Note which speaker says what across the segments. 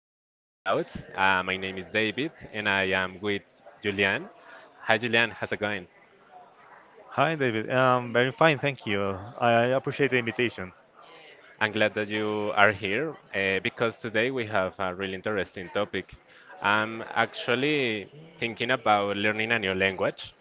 Speaker 1: Thinking Aloud. My name is David and I am with Julian. Hi, Julian, how's it going?
Speaker 2: Hi, David. Very fine, thank you. I appreciate the invitation.
Speaker 1: I'm glad that you are here because today we have a really interesting topic. I'm actually thinking about learning a new language.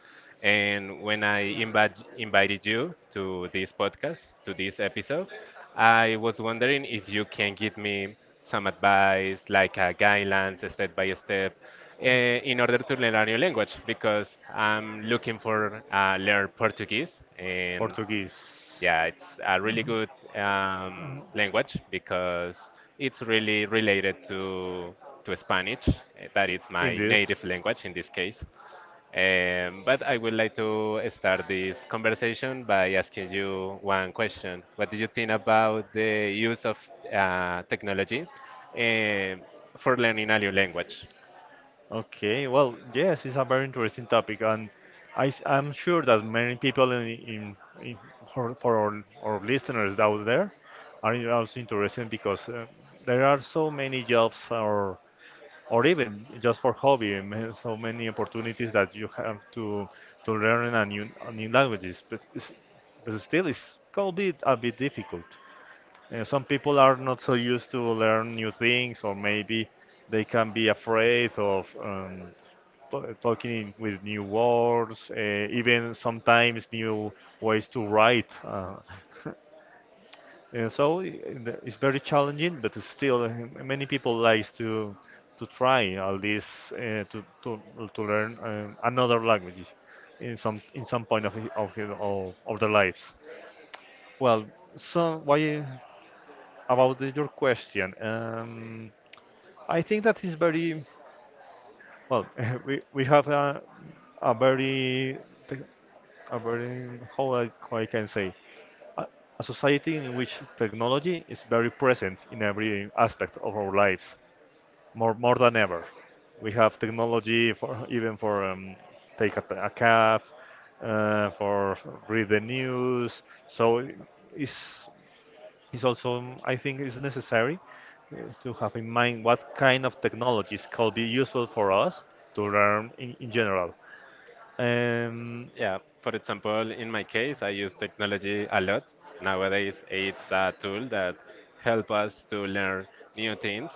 Speaker 1: And when invited you to this podcast, to this episode, I was wondering if you can give me some advice, like a guidelines, step by step, in order to learn a new language because I'm looking for learn Portuguese. And
Speaker 2: Portuguese.
Speaker 1: yeah, it's a really
Speaker 2: Mhm.
Speaker 1: good
Speaker 2: Uh,
Speaker 1: language because it's really related to Spanish, eh, that is my
Speaker 2: Indeed.
Speaker 1: native language in this case. But I would like to start this conversation by asking you one question. What do you think about the use of technology eh, for learning a new language?
Speaker 2: Okay, well, yes, it's a very interesting topic, and am sure that many people in for our listeners out there are also interested because there are so many jobs or even just for hobby, I mean, so many opportunities that you have to learn a new languages, but still it's gonna be a bit difficult. Some people are not so used to learn new things, or maybe they can be afraid of. Talking with new words, even sometimes new ways to write. And so i- it's very challenging, but it's still many people likes to try at least uh, to, to to learn another language in some point of of their lives. Well, so why about your question? I think that is very well. We have a very te- a very how how I can say a, a society in which technology is very present in every aspect of our lives, more than ever. We have technology for even for take a cab, for read the news. So it's is also I think is necessary to have in mind what kind of technologies could be useful for us to learn in general. Um,
Speaker 1: Yeah, for example, in my case, I use technology a lot. Nowadays, it's a tool that help us to learn new things.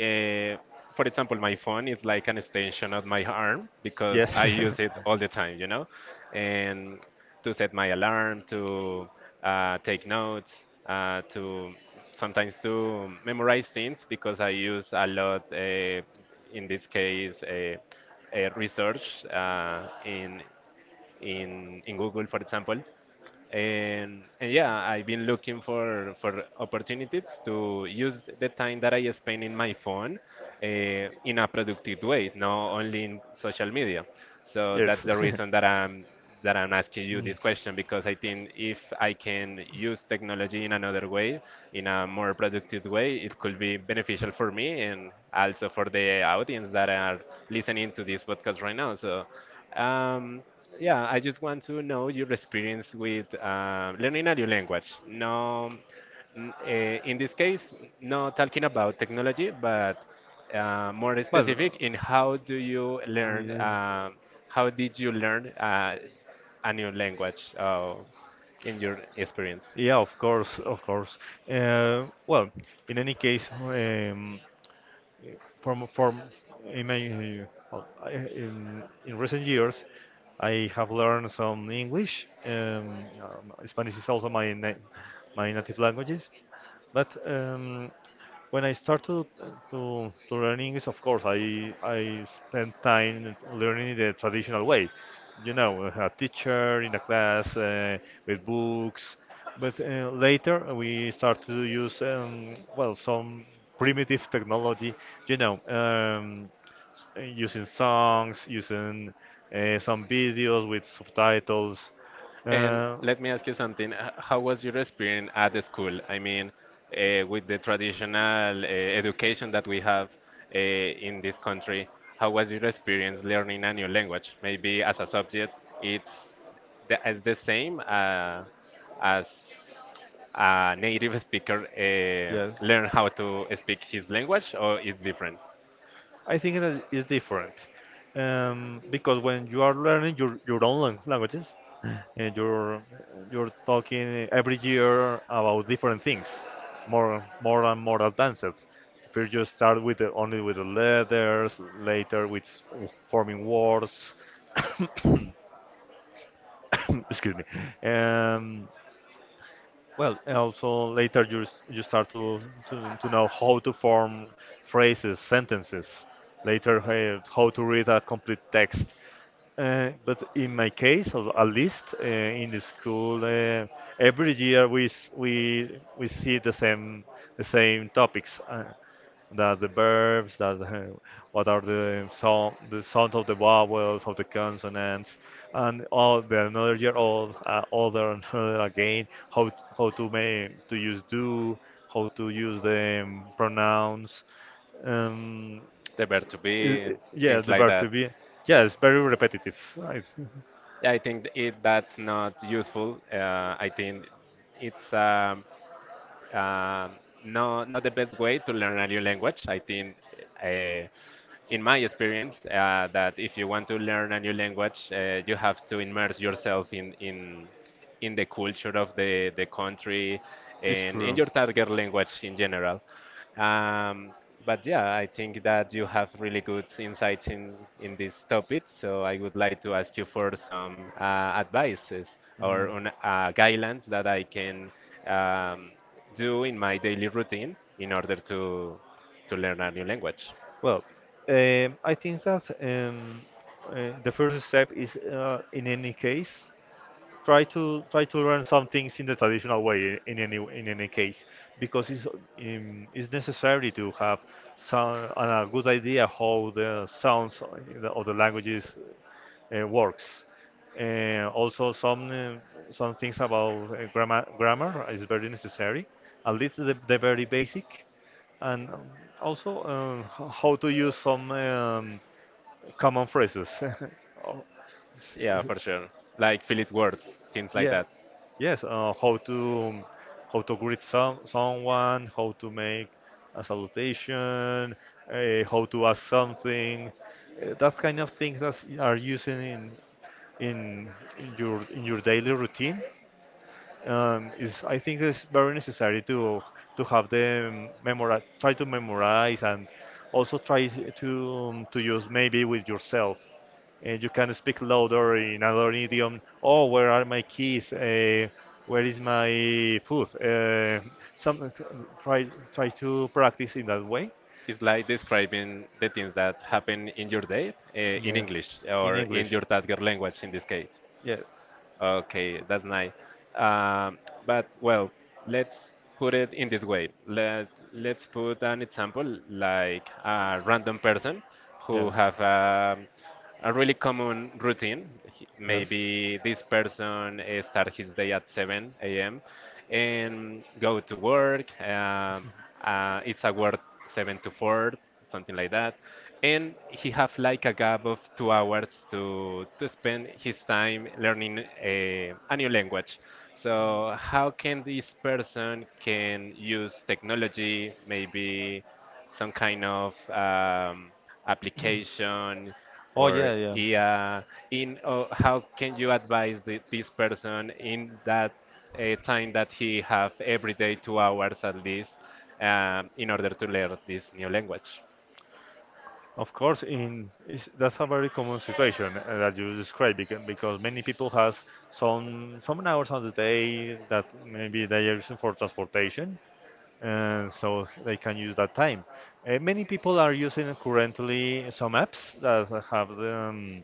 Speaker 1: Eh, for example, my phone is like an extension of my arm
Speaker 2: Yeah, like
Speaker 1: because I
Speaker 2: yes.
Speaker 1: use it all the time, and to set my alarm, to take notes, to sometimes to memorize things because I use a lot, in this case, research in in Google, for example. And yeah, I've been looking for opportunities to use the time that I spend in my phone uh, in a productive way, not only in social media. So that's
Speaker 2: Yes.
Speaker 1: the reason that I'm that I'm asking you
Speaker 2: Mm.
Speaker 1: this question because I think if I can use technology in another way, in a more productive way, it could be beneficial for me and also for the audience that are listening to this podcast right now. So um, yeah, I just want to know your experience with learning a new language. No, in this case, not talking about technology, but more
Speaker 2: Well,
Speaker 1: specific in how do you learn,
Speaker 2: yeah,
Speaker 1: um How did you learn a new language in your experience?
Speaker 2: yeah, of course, of course. Well, in any case, from in my well, in recent years, I have learned some English. Spanish is also my na my native languages. But when I started to learn English, of course, I spent time learning the traditional way, you know, a teacher in a class with books. But later we started to use well some primitive technology, you know, using songs, using some videos with subtitles.
Speaker 1: And
Speaker 2: Uh,
Speaker 1: let me ask you something. How was your experience at the school? I mean, with the traditional education that we have in this country, how was your experience learning a new language? Maybe as a subject, it's the, as the same as a native speaker learn how to speak his language, or it's different?
Speaker 2: I think that is different because when you are learning your own languages, and you're talking every year about different things, more and more advanced. First you start with only with the letters, later with forming words. Excuse me. Um, well, and also later you you start to know how to form phrases, sentences. Later, how to read a complete text. But in my case, at least in the school, every year we we see the same topics. That's the verbs, that's the, what are the sound of the vowels, of the consonants, and all the another year old, older and other again, how how to make to use do, how to use the pronouns, um,
Speaker 1: The verb to be,
Speaker 2: yeah,
Speaker 1: things
Speaker 2: the
Speaker 1: like
Speaker 2: verb to
Speaker 1: that.
Speaker 2: be, yeah, it's very repetitive. I-
Speaker 1: I think it that's not useful. I think it's um, no not the best way to learn a new language. I think uh, in my experience, that if you want to learn a new language, you have to immerse yourself in the culture of the country
Speaker 2: It's
Speaker 1: and in
Speaker 2: true.
Speaker 1: your target language in general. Um, but yeah, I think that you have really good insights in this topic. So I would like to ask you for some advices or
Speaker 2: Mhm.
Speaker 1: guidelines that I can um,
Speaker 2: uh,
Speaker 1: do in my daily routine in order to learn a new language.
Speaker 2: Well, I think that the first step is, in any case, try to try to learn some things in the traditional way in any case because it's necessary to have some a good idea how the sounds of the languages works also some things about grammar grammar is very necessary at least the very basic and also how to use some common phrases Oh, it's-
Speaker 1: Yeah,
Speaker 2: it's-
Speaker 1: for sure. Like fill it words, things like
Speaker 2: yeah.
Speaker 1: that.
Speaker 2: Yes. How to how to greet some someone, how to make a salutation, how to ask something. That kind of things that are using in in your daily routine is I think it's very necessary to have them memorize, try to memorize, and also try to use maybe with yourself. And you can speak louder in another idiom. Oh, where are my keys? Where is my food? Some try try to practice in that way.
Speaker 1: It's like describing the things that happen in your day in
Speaker 2: Yeah,
Speaker 1: English
Speaker 2: in
Speaker 1: or in
Speaker 2: English.
Speaker 1: your target language in this case.
Speaker 2: Yeah,
Speaker 1: Okay, that's nice. Um, but well, let's put it in this way. Let let's put an example like a random person who
Speaker 2: yes.
Speaker 1: have a really common routine.
Speaker 2: Yes.
Speaker 1: Maybe this person start his day at 7 a.m. and go to work. It's a word 7 to 4, something like that. And he have like a gap of 2 hours to spend his time learning a new language. So how can this person can use technology, maybe some kind of application
Speaker 2: Oh
Speaker 1: or
Speaker 2: yeah, yeah.
Speaker 1: yeah, in or how can you advise this person in that a time that he have every day 2 hours at least in order to learn this new language.
Speaker 2: Of course, in is that's a very common situation that you describe because many people has some hours on the day that maybe they are using for transportation, and so they can use that time. Many people are using currently some apps that have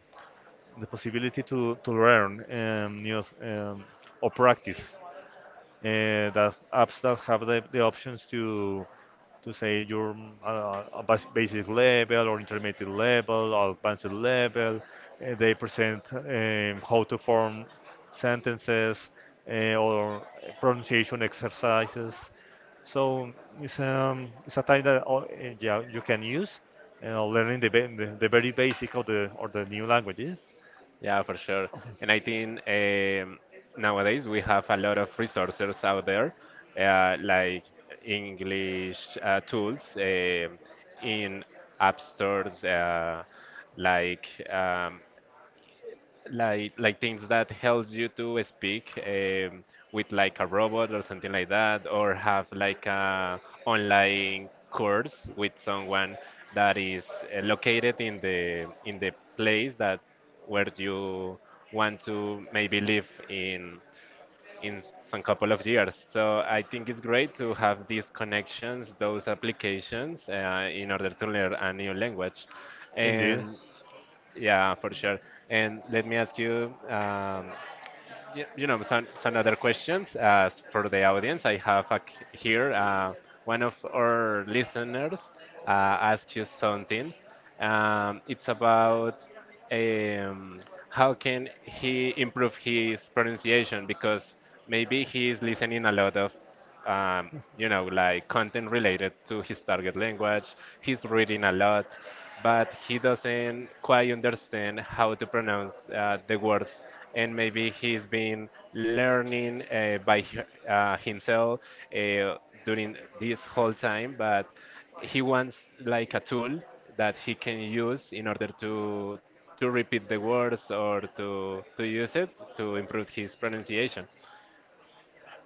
Speaker 2: the possibility to learn new or practice that apps that have the options to say your a basic level or intermediate level or advanced level. They present how to form sentences or pronunciation exercises. So it's a time that yeah, you can use, you know, learning the very basic of the or the new languages.
Speaker 1: Yeah, for sure. And I think nowadays we have a lot of resources out there, like English tools in app stores, like like things that helps you to speak with like a robot or something like that, or have like a online course with someone that is located in the place that where you want to maybe live in some couple of years. So I think it's great to have these connections, those applications, in order to learn a new language.
Speaker 2: Indeed.
Speaker 1: And yeah, for sure. And let me ask you, you know, some other questions for the audience. I have a, here one of our listeners uh, asked you something. It's about um, how can he improve his pronunciation because maybe he is listening a lot of um, you know, like content related to his target language. He's reading a lot, but he doesn't quite understand how to pronounce the words. And maybe he's been learning himself uh, during this whole time, but he wants like a tool that he can use in order to repeat the words or to use it to improve his pronunciation.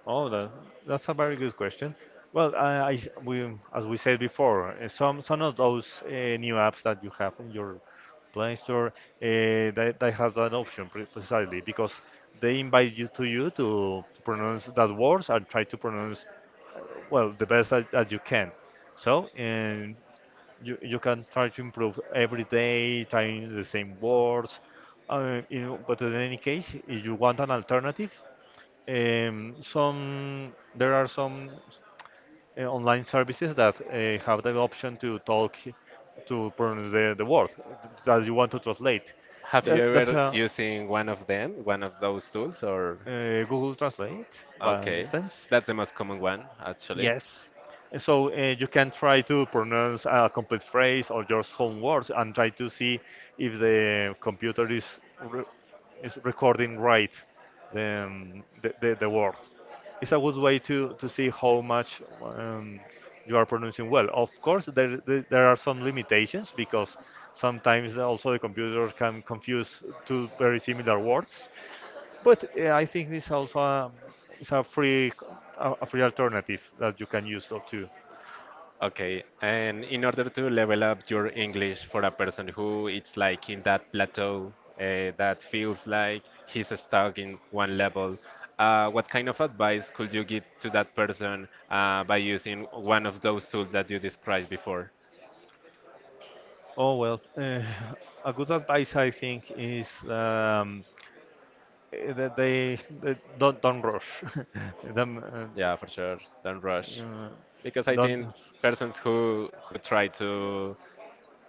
Speaker 2: Oh, that's a very good question. Well, we, as we said before, some of those new apps that you have in your Play Store, they have that option precisely because they invite you to to pronounce that words and try to pronounce uh, well the best that you can. So, and you can try to improve every day, trying the same words. You know, but in any case, if you want an alternative, some there are some online services that have the option to talk to pronounce the word that you want to translate.
Speaker 1: Have you
Speaker 2: That's
Speaker 1: ever
Speaker 2: a
Speaker 1: using one of them, one of those tools, or
Speaker 2: Google Translate, by
Speaker 1: okay,
Speaker 2: instance.
Speaker 1: that's the most common one actually.
Speaker 2: Yes. And so you can try to pronounce a complete phrase or just some words and try to see if the computer re is recording right the word. It's a good way to see how much you are pronouncing well. Of course, there are some limitations because sometimes also the computer can confuse two very similar words, but I think this also is a free a free alternative that you can use though too.
Speaker 1: Okay, and in order to level up your English for a person who it's like in that plateau that feels like he's stuck in one level, what kind of advice could you give to that person by using one of those tools that you described before?
Speaker 2: Oh well, a good advice I think is that they don't rush. Them,
Speaker 1: Yeah, for sure, don't
Speaker 2: uh,
Speaker 1: rush
Speaker 2: uh,
Speaker 1: because I
Speaker 2: don't.
Speaker 1: think persons who try to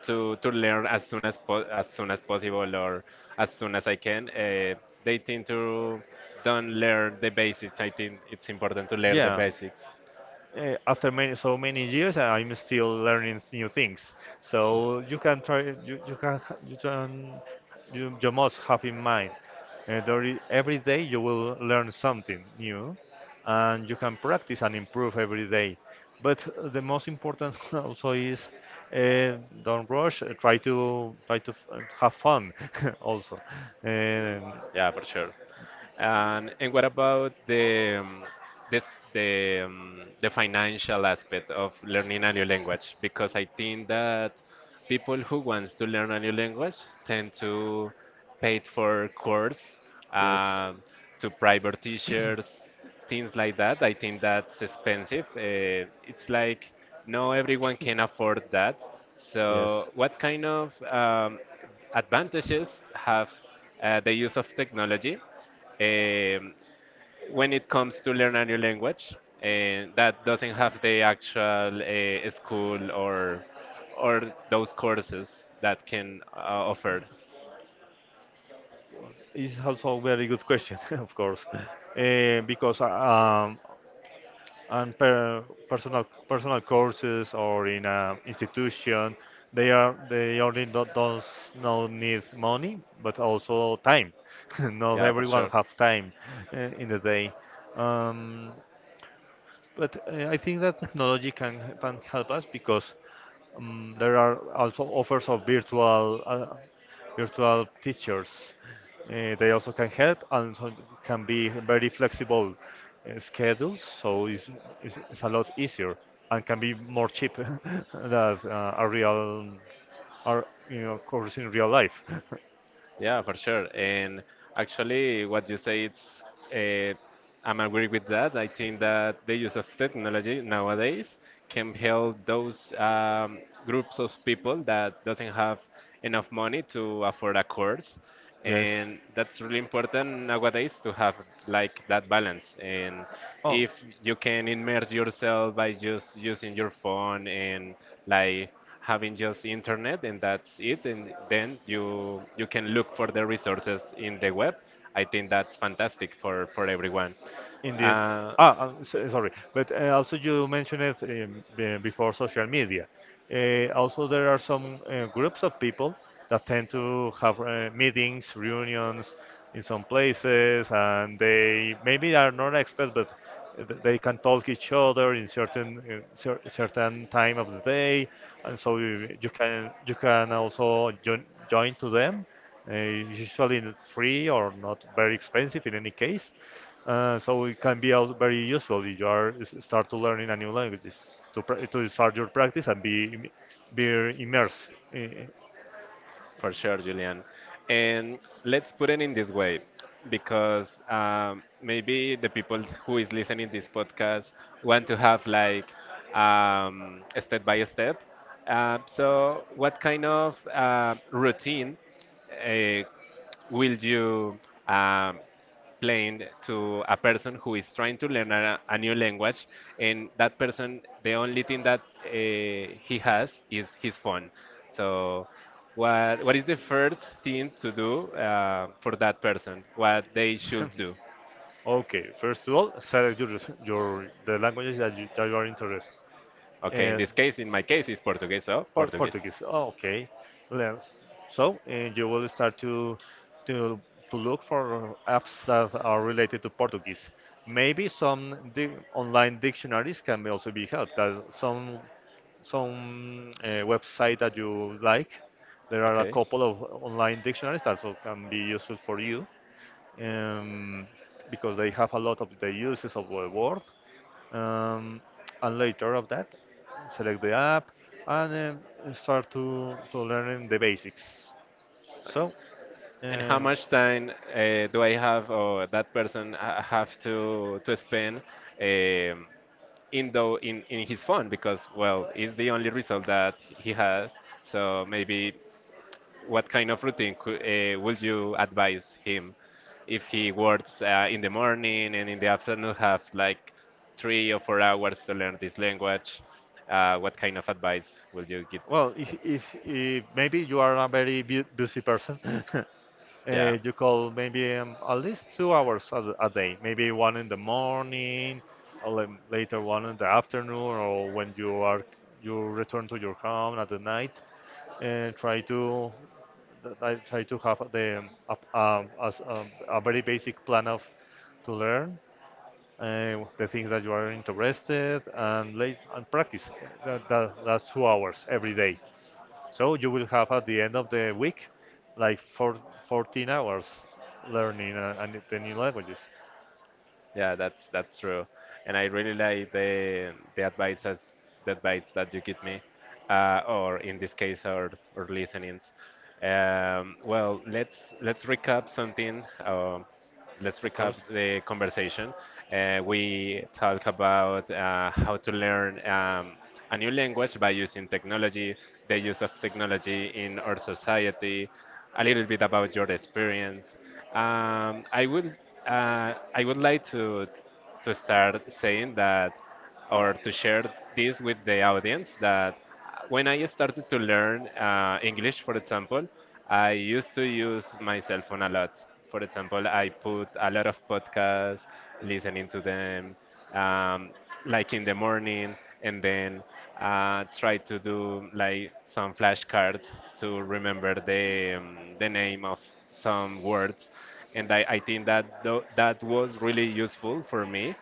Speaker 1: to learn as soon as possible or as soon as I can. They tend to don't learn the basics. I think it's important to learn the
Speaker 2: Yeah,
Speaker 1: basics.
Speaker 2: after many so many years I'm still learning new things, so you can try you can you can you must have in mind every day you will learn something new and you can practice and improve every day, but the most important also is don't rush, try to have fun also. Um
Speaker 1: Yeah, for sure. And what about the this the financial aspect of learning a new language? Because I think that people who wants to learn a new language tend to pay it for course,
Speaker 2: yes,
Speaker 1: uh, to private teachers, things like that. I think that's expensive. It's like no everyone can afford that.
Speaker 2: yes.
Speaker 1: So what kind of advantages have the use of technology? Um, when it comes to learn a new language, that doesn't have the actual school or those courses that can offer.
Speaker 2: It's also a very good question, of course. Eh, because On personal courses or in an institution, they only don't not need money, but also time. Not
Speaker 1: Yeah, for
Speaker 2: everyone
Speaker 1: sure.
Speaker 2: have time in the day. Um, but I think that technology can help us because there are also offers of virtual virtual teachers. They also can help, and so can be very flexible schedules, so it's a lot easier and can be more cheap than uh, a real, or you know, course in real life.
Speaker 1: Yeah, for sure. And actually, what you say, it's uh, I'm agree with that. I think that the use of technology nowadays can help those groups of people that doesn't have enough money to afford a course,
Speaker 2: Yes.
Speaker 1: and that's really important nowadays to have like that balance. And
Speaker 2: Oh.
Speaker 1: if you can immerse yourself by just using your phone and like having just internet and that's it, and then you can look for the resources in the web. I think that's fantastic for everyone.
Speaker 2: in this
Speaker 1: uh,
Speaker 2: Sorry, but also you mentioned it before, social media also there are some groups of people that tend to have meetings reunions in some places, and they maybe are not experts, but they can talk each other in certain certain time of the day, and so you can also join join to them, usually free or not very expensive in any case. So it can be also very useful if you are start to learning a new language is to to start your practice and be be immersed
Speaker 1: for sure, Julian. And let's put it in this way because maybe the people who is listening this podcast want to have like a step by step, so what kind of routine uh, will you um, explain to a person who is trying to learn a new language. And that person, the only thing that he has is his phone. So what is the first thing to do for that person, what they should do?
Speaker 2: okay, first of all, select your, res- your the languages that that you are interested.
Speaker 1: Okay, in this case, in my case is Portuguese, so Portuguese.
Speaker 2: Portuguese. Oh, okay. Learn. So, and you will start to to to look for apps that are related to Portuguese. Maybe some di online dictionaries can be also be helped. That some website that you like, there are a
Speaker 1: Okay.
Speaker 2: couple of online dictionaries that also can be useful for you um, because they have a lot of the uses of the word. Um, and later of that, select the app and start to learn the basics. So,
Speaker 1: And how
Speaker 2: um,
Speaker 1: much time do I have, or that person have to spend um, in his phone? Because well, it's the only result that he has. So maybe what kind of routine could, would you advise him if he works in the morning and in the afternoon have like 3 or 4 hours to learn this language? What kind of advice would you give
Speaker 2: Well,
Speaker 1: him?
Speaker 2: if maybe you are a very bu busy person,
Speaker 1: Yeah.
Speaker 2: you call maybe at least 2 hours a day, maybe one in the morning, or later one in the afternoon, or when you are you return to your home at the night. Try to I try to have the a very basic plan of to learn the things that you are interested and late and practice that's 2 hours every day, so you will have at the end of the week like four, 14 hours learning and the new languages.
Speaker 1: Yeah, that's true, and I really like the advice that you give me, or in this case, our listenings. Well, let's recap something. Let's
Speaker 2: Of
Speaker 1: recap
Speaker 2: course.
Speaker 1: the conversation. We talk about how to learn a new language by using technology, the use of technology in our society, a little bit about your experience. Um, I would I would like to start saying that or to share this with the audience that when I started to learn English, for example, I used to use my cell phone a lot. For example, I put a lot of podcasts, listening to them. Um, like in the morning and then try to do like some flashcards to remember the name of some words, and I think that that was really useful for me.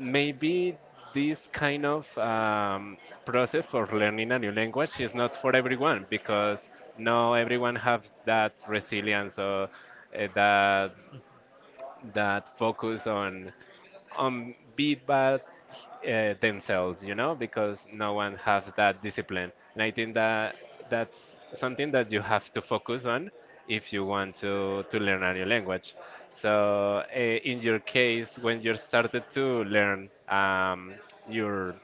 Speaker 1: Maybe this kind of process for learning a new language is not for everyone, because not everyone have that resilience or that that focus on be bad themselves, because no one has that discipline. And I think that that's something that you have to focus on if you want to learn a new language. So, in your case, when you started to learn your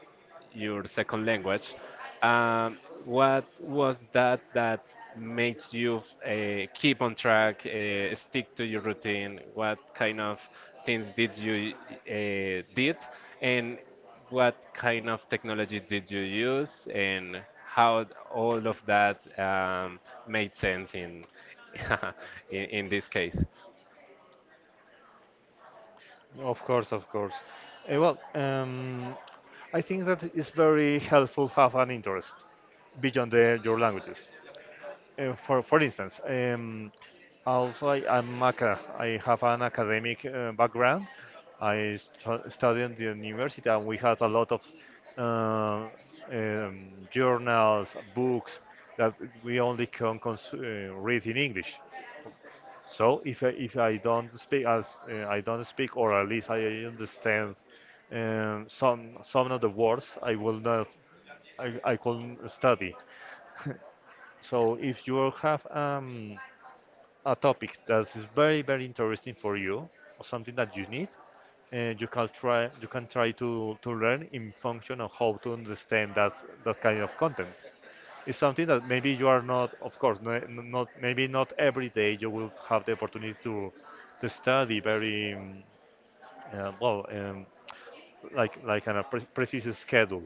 Speaker 1: your second language. Um, what was that that makes you keep on track, stick to your routine? What kind of things did you and what kind of technology did you use, and how all of that made sense in in this case?
Speaker 2: Of course. Eh, well, um, I think that it's very helpful have an interest beyond your languages. For instance, also I have an academic background. Studied in the university, and we had a lot of uh, journals, books that we only can cons read in English. So if I don't speak as I don't speak, or at least I understand some of the words, I will not I, I couldn't study. So if you have a topic that is very very interesting for you, or something that you need, you can try to learn in function of how to understand that, that kind of content. It's something that maybe you are not, of course, no, not maybe not every day you will have the opportunity to study very uh, well, um, like on a precise schedule.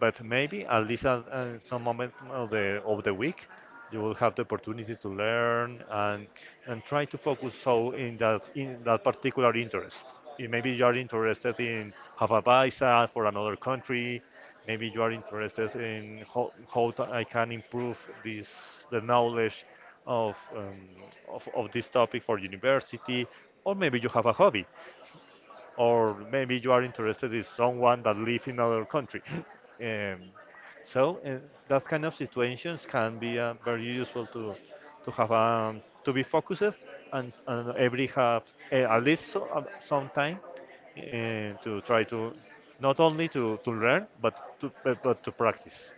Speaker 2: But maybe at least at, some moment of the week, you will have the opportunity to learn and try to focus so in that, in that particular interest. Maybe you are interested in have a visa for another country. Maybe you are interested in I can improve this, the knowledge of, um, of this topic for university, or maybe you have a hobby, or maybe you are interested in someone that lives in another country. Um, so, that kind of situations can be very useful to have to be focused and every have at least some time to try to not only to learn, but but to practice.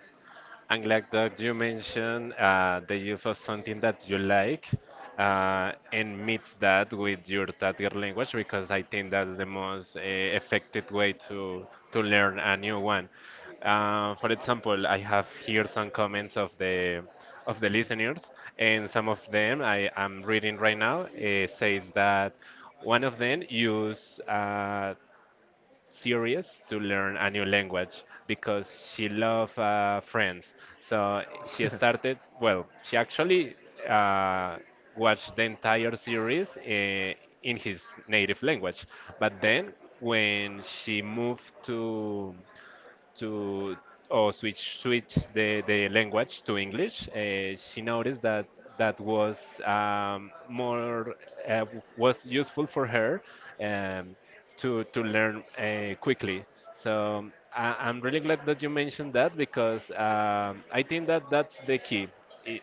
Speaker 1: And like that you mentioned the use of something that you like and mix that with your target language, because I think that's the most effective way to learn a new one. For example, I have here some comments of the listeners, and some of them I am reading right now says that one of them use serious to learn a new language because she loved Friends. So she started, well, she actually uh, watched the entire series in his native language. But then when she moved to or switch the language to English, she noticed that that was more was useful for her um, to learn quickly. So I'm really glad that you mentioned that, because I think that that's the key. I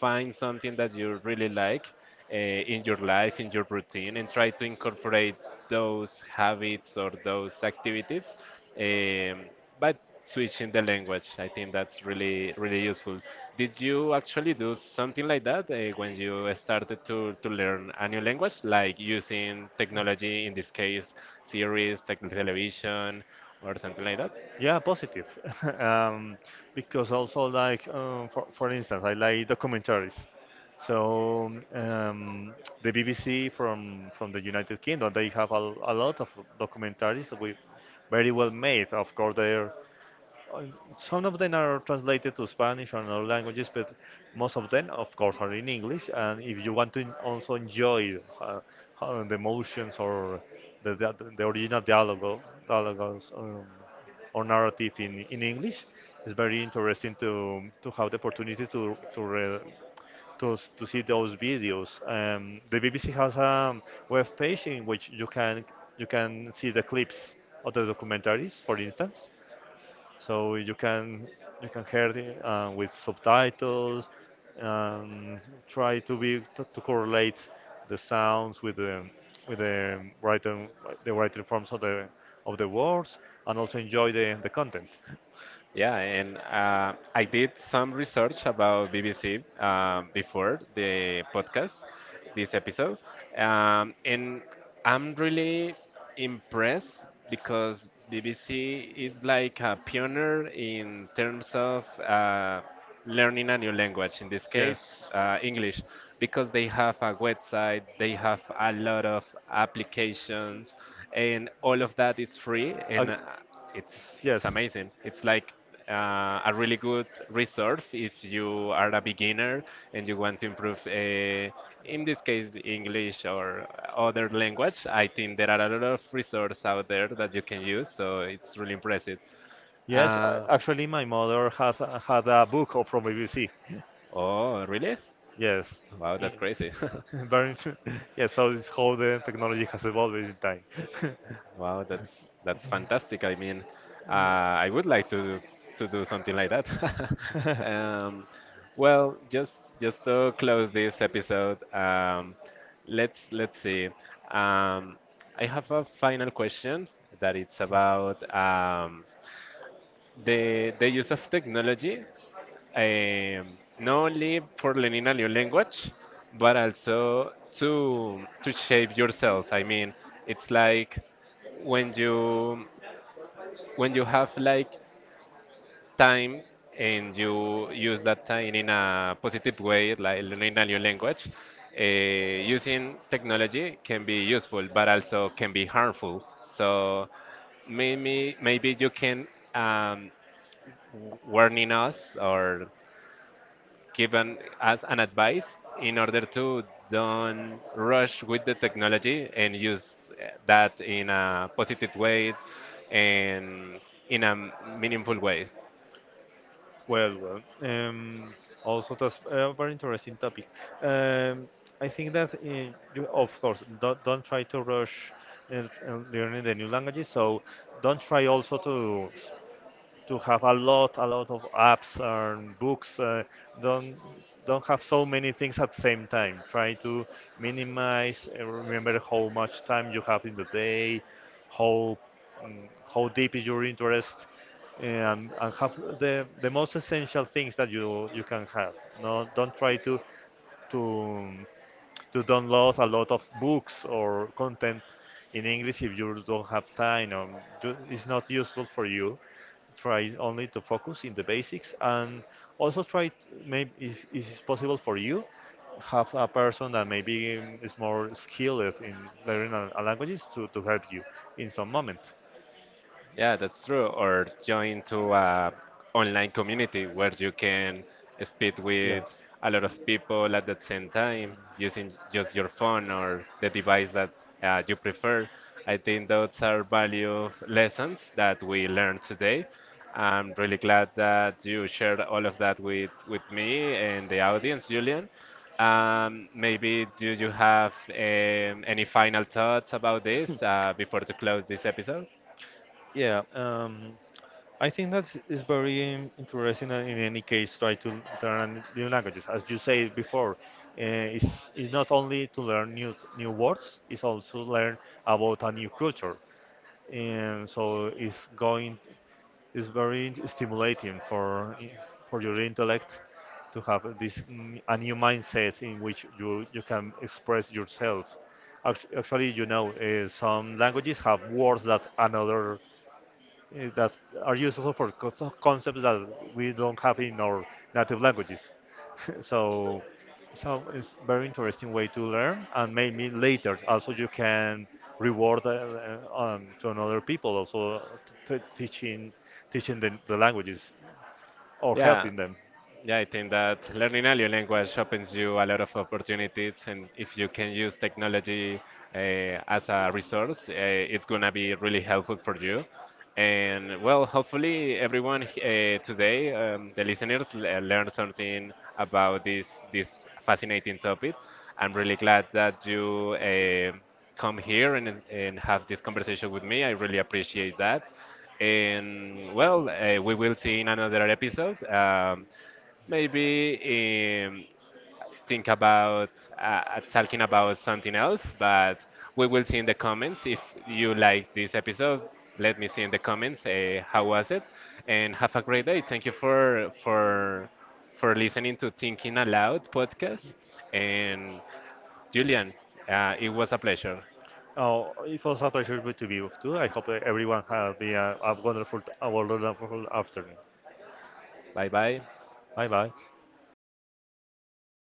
Speaker 1: find something that you really like in your life, in your routine, and try to incorporate those habits or those activities. Um, but switching the language, I think that's really, really useful. Did you actually do something like that when you started to learn a new language, like using technology, in this case, series, tech television, or something like that?
Speaker 2: Yeah, positive. Um, because also like for instance, I like documentaries. So um, the BBC from the United Kingdom, they have a lot of documentaries with very well made. Of course, they're Uh, some of them are translated to Spanish or other languages, but most of them, of course, are in English. And if you want to also enjoy the emotions or the original dialogues, or narrative in English, it's very interesting to have the opportunity to, to see those videos. The BBC has a web page in which you can see the clips of the documentaries, for instance, so you can hear it with subtitles, and try to to correlate the sounds with the written, the written forms of the words, and also enjoy the content.
Speaker 1: Yeah, and I did some research about BBC before the podcast, this episode, and I'm really impressed, because BBC is like a pioneer in terms of learning a new language, in this case,
Speaker 2: Yes.
Speaker 1: English, because they have a website, they have a lot of applications, and all of that is free.
Speaker 2: Ag-
Speaker 1: And it's
Speaker 2: Yes.
Speaker 1: amazing. It's like a really good resource if you are a beginner and you want to improve, in this case, English or other language. I think there are a lot of resources out there that you can use, so it's really impressive. Uh,
Speaker 2: Actually, my mother has had a book from BBC.
Speaker 1: oh, really?
Speaker 2: Yes,
Speaker 1: Wow, that's
Speaker 2: I-
Speaker 1: crazy.
Speaker 2: very. Int- Yes, so it's how the technology has evolved in time.
Speaker 1: Wow, that's fantastic. I mean, I would like to do something like that. Um, well, just to close this episode, let's see. Um, I have a final question that it's about the use of technology, not only for learning a new language, but also to shape yourself. I mean, it's like when you when you have like time and you use that time in a positive way, like learning a new language. Uh, using technology can be useful, but also can be harmful. So maybe maybe you can um, warning us or give an, us an advice in order to don't rush with the technology and use that in a positive way and in a meaningful way.
Speaker 2: Well, also that's a very interesting topic. Um, I think that you, of course, don't try to rush uh, learning the new languages. So don't try also to have a a lot of apps and books. Don't don't have so many things at the same time. Try to minimize. Remember how much time you have in the day, how how deep is your interest, and have the most essential things that you can have. No, don't try to to download a lot of books or content in English if you don't have time, or do, it's not useful for you. Try only to focus in the basics, and also try maybe if it's possible for you, have a person that maybe is more skilled in learning a languages to help you in some moment.
Speaker 1: Yeah, that's true. Or join to a online community where you can speak with
Speaker 2: Yes.
Speaker 1: a lot of people at the same time using just your phone or the device that you prefer. I think those are value lessons that we learned today. I'm really glad that you shared all of that with me and the audience, Julian. Maybe do you have any final thoughts about this before to close this episode?
Speaker 2: Yeah, um, I think that is very interesting. And In any case, try to learn new languages. As you said before, it's not only to learn new words; it's also learn about a new culture, and so it's going. It's very stimulating for your intellect to have this a new mindset in which you can express yourself. Actually, you know, some languages have words that another that are useful for concepts that we don't have in our native languages. So so it's very interesting way to learn, and maybe later also you can reward to another people also t- t- teaching teaching the languages or
Speaker 1: Yeah,
Speaker 2: helping them.
Speaker 1: yeah, I think that learning a new language opens you a lot of opportunities, and if you can use technology as a resource, it's gonna be really helpful for you. And well, hopefully everyone today, the listeners, learn something about this this fascinating topic. I'm really glad that you come here and have this conversation with me. I really appreciate that. And well, we will see in another episode. Maybe think about talking about something else, but we will see in the comments. If you like this episode, let me see in the comments how was it, and have a great day. Thank you for listening to Thinking Aloud podcast, and Julian, it was a pleasure.
Speaker 2: Oh, it was a pleasure to be with you. I hope that everyone has been a, a wonderful afternoon.
Speaker 1: Bye bye.
Speaker 2: Bye bye.